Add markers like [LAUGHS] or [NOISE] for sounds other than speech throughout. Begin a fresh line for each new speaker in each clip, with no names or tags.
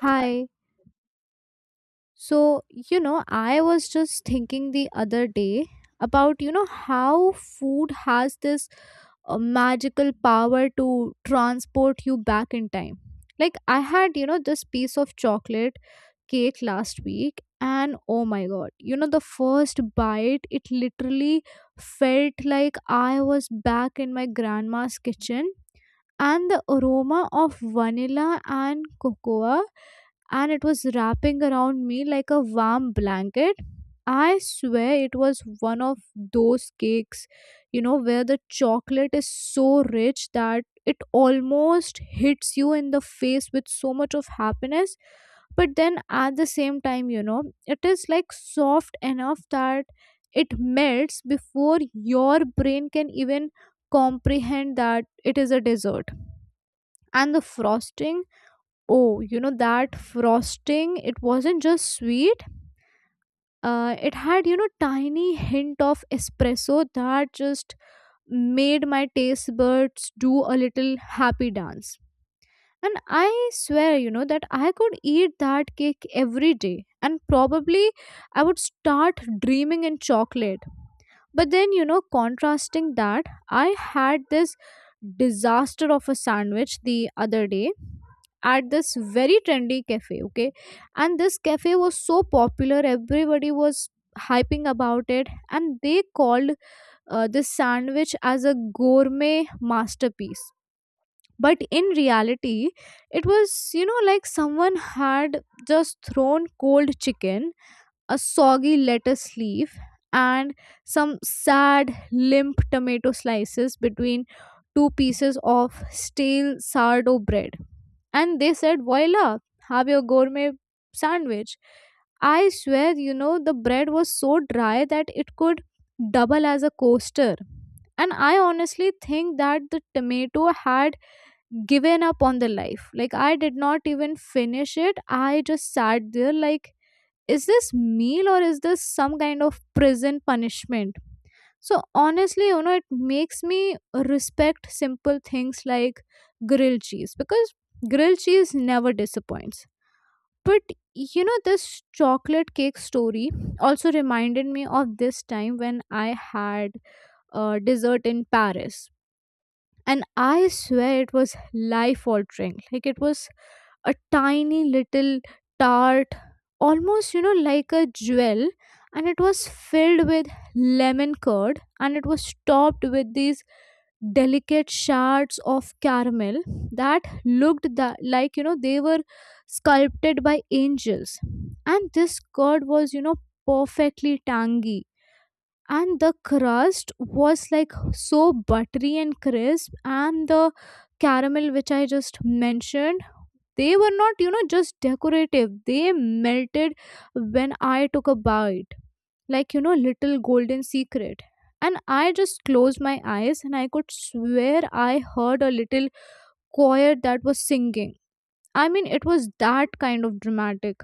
Hi. So, I was just thinking the other day about, how food has this magical power to transport you back in time. Like, I had, this piece of chocolate cake last week, and oh my god, the first bite, it literally felt like I was back in my grandma's kitchen. And the aroma of vanilla and cocoa, and it was wrapping around me like a warm blanket. I swear it was one of those cakes, where the chocolate is so rich that it almost hits you in the face with so much of happiness. But then at the same time, it is like soft enough that it melts before your brain can even comprehend that it is a dessert. And the frosting. Oh, you know that frosting, it wasn't just sweet. It had, tiny hint of espresso that just made my taste buds do a little happy dance. And I swear, that I could eat that cake every day. And probably I would start dreaming in chocolate. But then, contrasting that, I had this disaster of a sandwich the other day at this very trendy cafe, okay? And this cafe was so popular, everybody was hyping about it, and they called this sandwich as a gourmet masterpiece. But in reality, it was, like someone had just thrown cold chicken, a soggy lettuce leaf, and some sad, limp tomato slices between two pieces of stale sourdough bread. And they said, voila, have your gourmet sandwich. I swear, the bread was so dry that it could double as a coaster. And I honestly think that the tomato had given up on the life. Like, I did not even finish it. I just sat there, like, is this meal or is this some kind of prison punishment? So honestly, it makes me respect simple things like grilled cheese, because grilled cheese never disappoints. But, this chocolate cake story also reminded me of this time when I had a dessert in Paris. And I swear it was life altering. Like it was a tiny little tart, almost like a jewel. And it was filled with lemon curd, and it was topped with these delicate shards of caramel that looked that, like, they were sculpted by angels. And this curd was, perfectly tangy. And the crust was like so buttery and crisp, and the caramel, which I just mentioned, they were not, just decorative. They melted when I took a bite, like, little golden secret. And I just closed my eyes, and I could swear I heard a little choir that was singing. I mean, it was that kind of dramatic.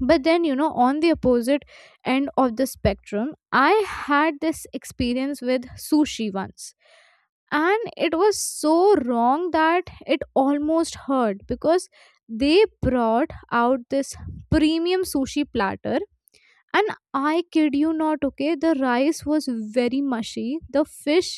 But then, on the opposite end of the spectrum, I had this experience with sushi once. And it was so wrong that it almost hurt, because they brought out this premium sushi platter, and I kid you not, okay, the rice was very mushy. The fish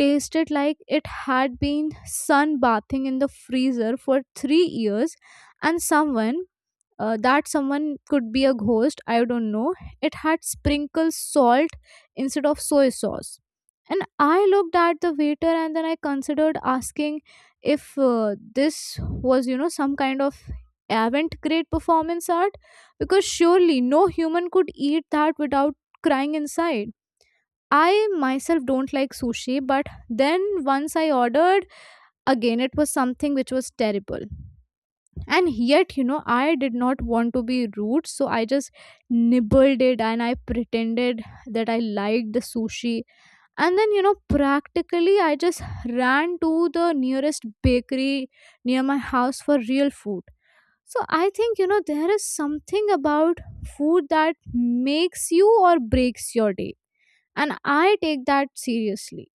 tasted like it had been sunbathing in the freezer for 3 years. And someone, that someone could be a ghost, I don't know, it had sprinkled salt instead of soy sauce. And I looked at the waiter, and then I considered asking if, this was, some kind of avant great performance art, because surely no human could eat that without crying inside. I myself don't like sushi, but then once I ordered again, it was something which was terrible, and yet, I did not want to be rude, so I just nibbled it and I pretended that I liked the sushi. And then, practically I just ran to the nearest bakery near my house for real food. So I think, there is something about food that makes you or breaks your day, and I take that seriously.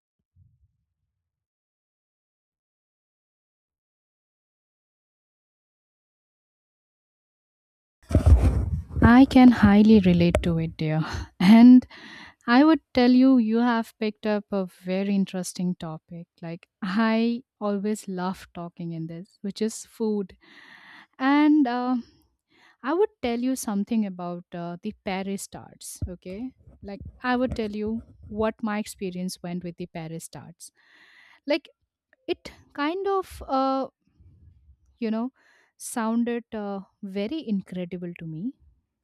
I can highly relate to it, dear. [LAUGHS] And I would tell you, you have picked up a very interesting topic. Like, I always love talking in this, which is food. And I would tell you something about the Paris tarts, okay? Like, I would tell you what my experience went with the Paris tarts. Like, it kind of, you know, sounded very incredible to me,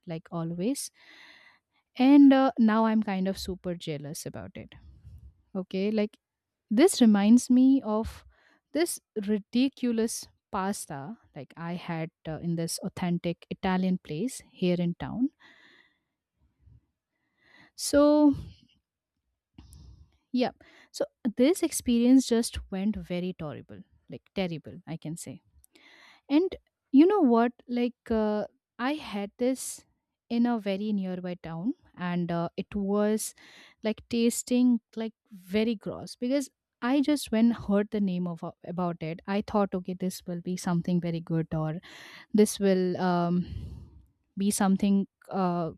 like always and Now I'm kind of super jealous about it, okay. Like, this reminds me of this ridiculous pasta, like I had in this authentic Italian place here in town. So yeah, so this experience just went very terrible, like terrible I can say. And you know what? I had this in a very nearby town, and it was like tasting like very gross because I just when heard the name of about it, I thought, okay, this will be something very good, or this will be something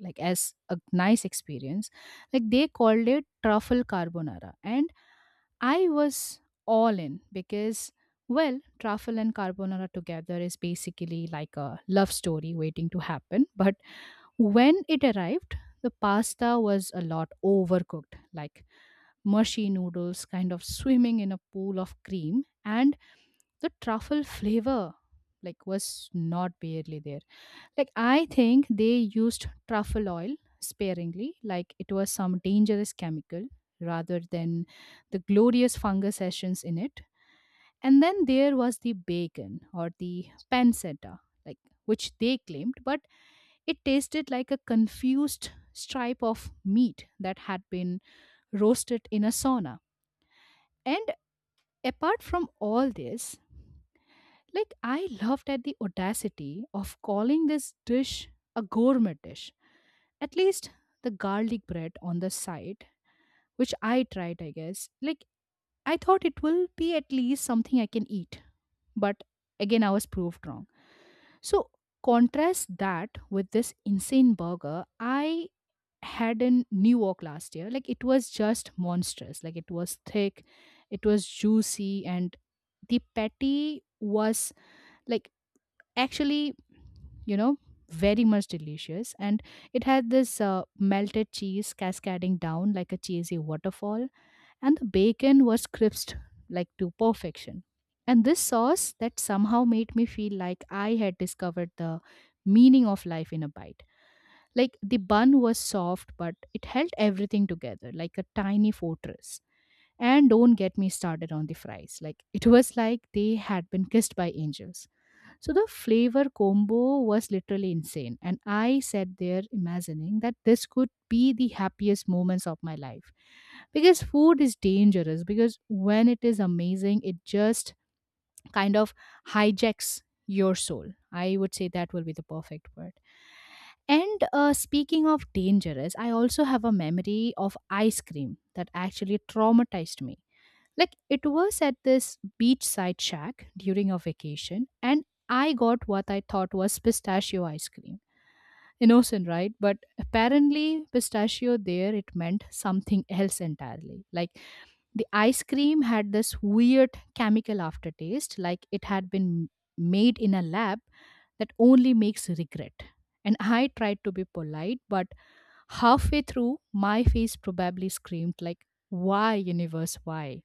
like as a nice experience. Like they called it truffle carbonara, and I was all in because, well, truffle and carbonara together is basically like a love story waiting to happen. But when it arrived, the pasta was a lot overcooked, like mushy noodles kind of swimming in a pool of cream, and the truffle flavor like was not barely there. Like, I think they used truffle oil sparingly, like it was some dangerous chemical rather than the glorious fungus essence in it. And then there was the bacon or the pancetta, like, which they claimed, but it tasted like a confused stripe of meat that had been roasted in a sauna. And apart from all this, like I laughed at the audacity of calling this dish a gourmet dish. At least the garlic bread on the side, which I tried, I guess. Like I thought it will be at least something I can eat, but again I was proved wrong. So contrast that with this insane burger I had in New York last year. Like it was just monstrous. Like it was thick, it was juicy, and the patty was, like, actually, you know, very much delicious. And it had this melted cheese cascading down like a cheesy waterfall, and the bacon was crisped like to perfection, and this sauce that somehow made me feel like I had discovered the meaning of life in a bite. Like the bun was soft but it held everything together like a tiny fortress, and don't get me started on the fries, like it was like they had been kissed by angels. So the flavor combo was literally insane. And I sat there imagining that this could be the happiest moments of my life. Because food is dangerous, because when it is amazing, it just kind of hijacks your soul. I would say that will be the perfect word. And Speaking of dangerous, I also have a memory of ice cream that actually traumatized me. Like, it was at this beachside shack during a vacation, and I got what I thought was pistachio ice cream. Innocent, right? But apparently, pistachio there it meant something else entirely. Like the ice cream had this weird chemical aftertaste, like it had been made in a lab that only makes regret. And I tried to be polite, but halfway through, my face probably screamed, like, why, universe, why?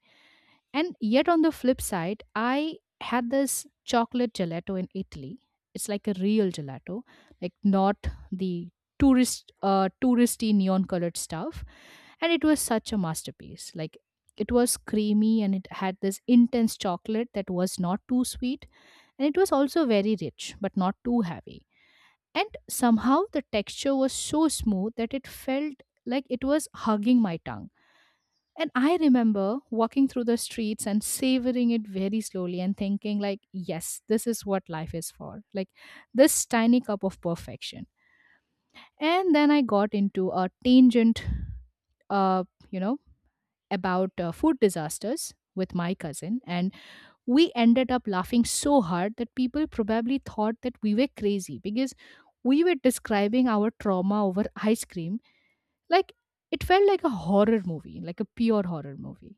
And yet, on the flip side, I had this chocolate gelato in Italy. It's like a real gelato, like not the touristy neon colored stuff. And it was such a masterpiece. Like it was creamy and it had this intense chocolate that was not too sweet. And it was also very rich, but not too heavy. And somehow the texture was so smooth that it felt like it was hugging my tongue, and I remember walking through the streets and savoring it very slowly and thinking like, yes, this is what life is for. Like this tiny cup of perfection. And then I got into a tangent uh, you know, about food disasters with my cousin, and we ended up laughing so hard that people probably thought that we were crazy because we were describing our trauma over ice cream. Like it felt like a horror movie, like a pure horror movie.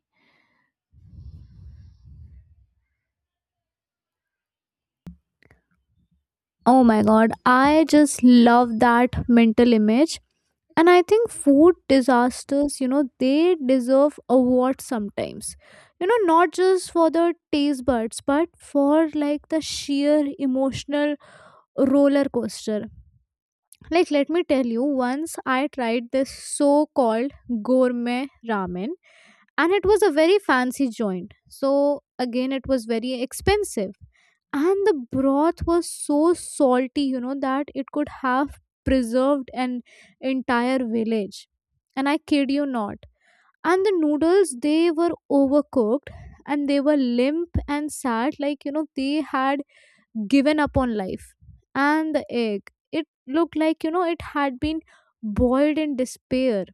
Oh my god, I just love that mental image. And I think food disasters, they deserve awards sometimes, not just for the taste buds, but for like the sheer emotional roller coaster. Like, let me tell you, once I tried this so called gourmet ramen, and it was a very fancy joint, so again it was very expensive. And the broth was so salty, that it could have preserved an entire village, and I kid you not. And the noodles, they were overcooked, and they were limp and sad, like, they had given up on life. And the egg, it looked like, it had been boiled in despair.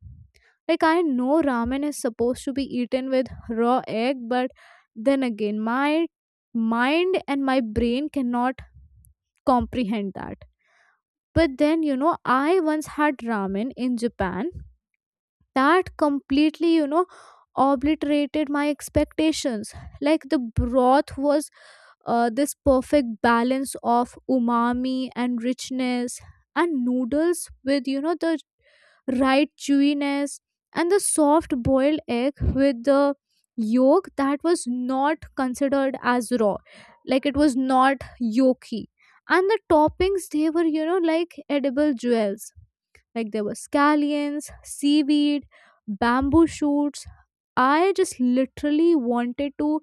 Like, I know ramen is supposed to be eaten with raw egg, but then again, my mind and my brain cannot comprehend that. But then, I once had ramen in Japan that completely obliterated my expectations. Like the broth was, this perfect balance of umami and richness. And noodles with, the right chewiness. And the soft boiled egg with the yolk that was not considered as raw, like it was not yolky. And the toppings, they were, like edible jewels. Like there were scallions, seaweed, bamboo shoots. I just literally wanted to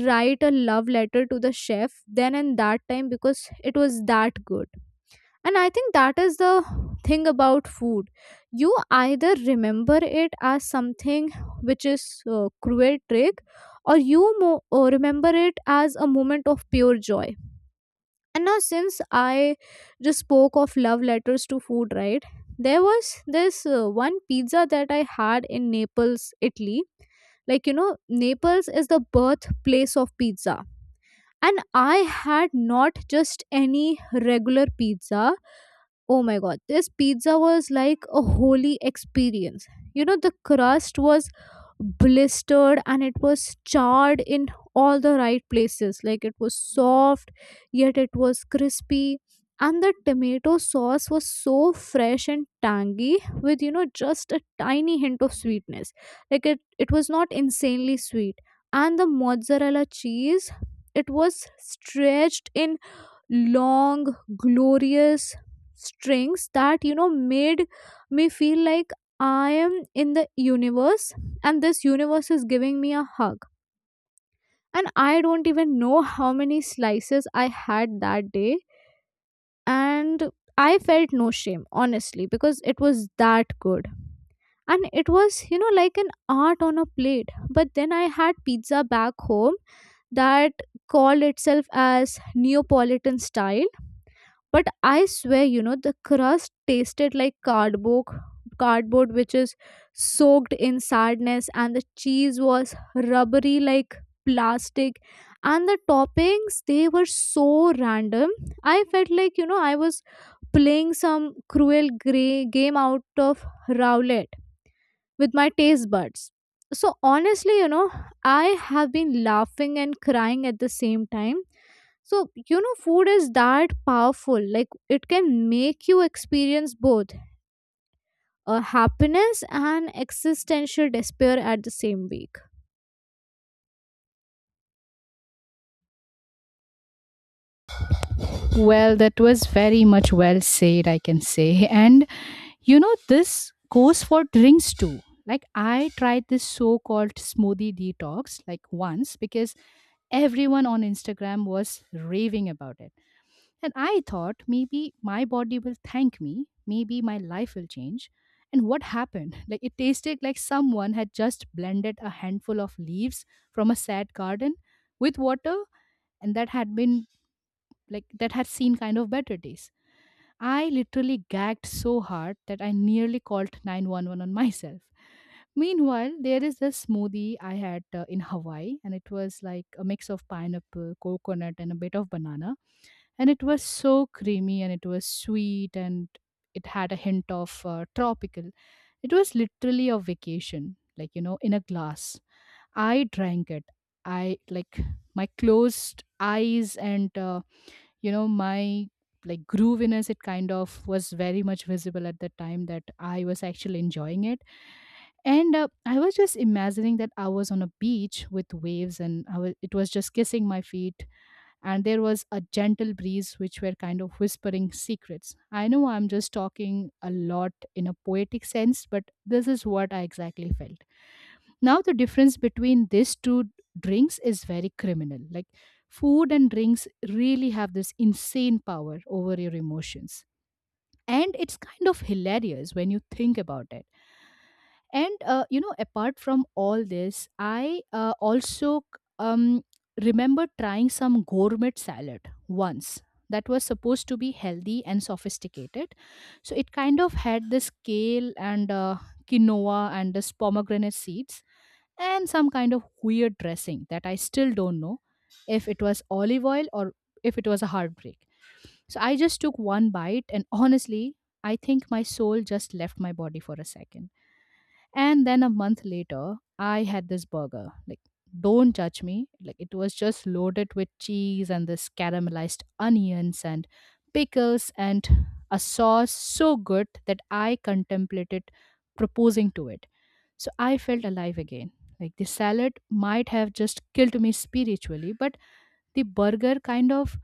write a love letter to the chef then and that time because it was that good. And I think that is the thing about food. You either remember it as something which is, cruel trick, or you remember it as a moment of pure joy. And now, since I just spoke of love letters to food, right? There was this, one pizza that I had in Naples, Italy. Like, Naples is the birthplace of pizza. And I had not just any regular pizza. Oh my god, this pizza was like a holy experience. The crust was blistered and it was charred in all the right places. Like it was soft, yet it was crispy. And the tomato sauce was so fresh and tangy with, just a tiny hint of sweetness. Like it was not insanely sweet. And the mozzarella cheese, it was stretched in long glorious strings that made me feel like I am in the universe, and this universe is giving me a hug. And I don't even know how many slices I had that day, and I felt no shame honestly because it was that good. And it was, like an art on a plate. But then I had pizza back home that called itself as Neapolitan style, but I swear, the crust tasted like cardboard, cardboard which is soaked in sadness. And the cheese was rubbery like plastic. And the toppings, they were so random, I felt like, I was playing some cruel gray game out of roulette with my taste buds. So honestly, I have been laughing and crying at the same time. So, food is that powerful. Like, it can make you experience both, happiness and existential despair at the same week.
Well, that was very much well said, I can say. And you know, this goes for drinks too. Like, I tried this so called smoothie detox like once because everyone on Instagram was raving about it. And I thought maybe my body will thank me, maybe my life will change. And what happened? [LAUGHS] Like, it tasted like someone had just blended a handful of leaves from a sad garden with water, and that had been like, that had seen kind of better days. I literally gagged so hard that I nearly called 911 on [LAUGHS] myself. Meanwhile, there is this smoothie I had in Hawaii, and it was like a mix of pineapple, coconut, and a bit of banana. And it was so creamy and it was sweet and it had a hint of tropical. It was literally a vacation, like, you know, in a glass. I drank it. I like my closed eyes and you know my like grooviness, it kind of was very much visible at the time that I was actually enjoying it. And I was just imagining that I was on a beach with waves, and I was, it was just kissing my feet, and there was a gentle breeze which were kind of whispering secrets. I know I'm just talking a lot in a poetic sense, but this is what I exactly felt. Now, the difference between these two drinks is very criminal. Like, food and drinks really have this insane power over your emotions. And it's kind of hilarious when you think about it. You know, apart from all this, I also um, remember trying some gourmet salad once that was supposed to be healthy and sophisticated. So it kind of had this kale and quinoa and this pomegranate seeds and some kind of weird dressing that I still don't know if it was olive oil or if it was a heartbreak. So I just took one bite, and honestly, I think my soul just left my body for a second. And then a month later, I had this burger. Like, don't judge me. Like, it was just loaded with cheese and this caramelized onions and pickles and a sauce so good that I contemplated proposing to it. So I felt alive again. Like the salad might have just killed me spiritually, but the burger kind of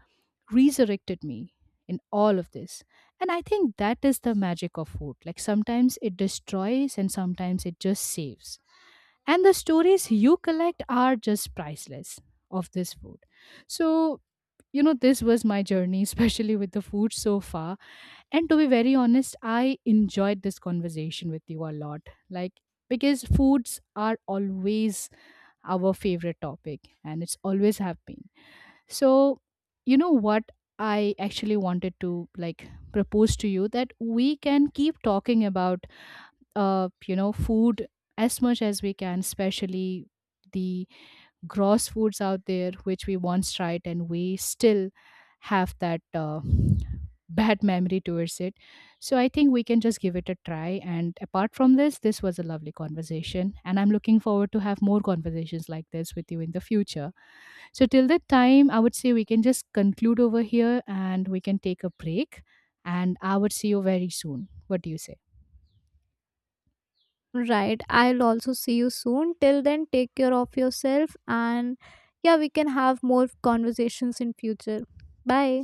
resurrected me in all of this. And I think that is the magic of food. Like sometimes it destroys and sometimes it just saves. And the stories you collect are just priceless of this food. So, you know, this was my journey, [LAUGHS] especially with the food so far, and to be very honest, I enjoyed this conversation with you a lot. Like, because foods are always our favorite topic and it's always have been. So, you know what? I actually wanted to like propose to you that we can keep talking about, you know, food as much as we can, especially the gross foods out there which we once tried and we still have that [LAUGHS] bad memory towards it. So I think we can just give it a try. And apart from this, this was a lovely conversation. And I'm looking forward to have more conversations like this with you in the future. So till that time, I would say we can just conclude over here and we can take a break. And I would see you very soon. What do you say?
Right. I'll also see you soon. Till then, take care of yourself. And yeah, we can have more conversations in future. Bye.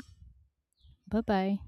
Bye bye.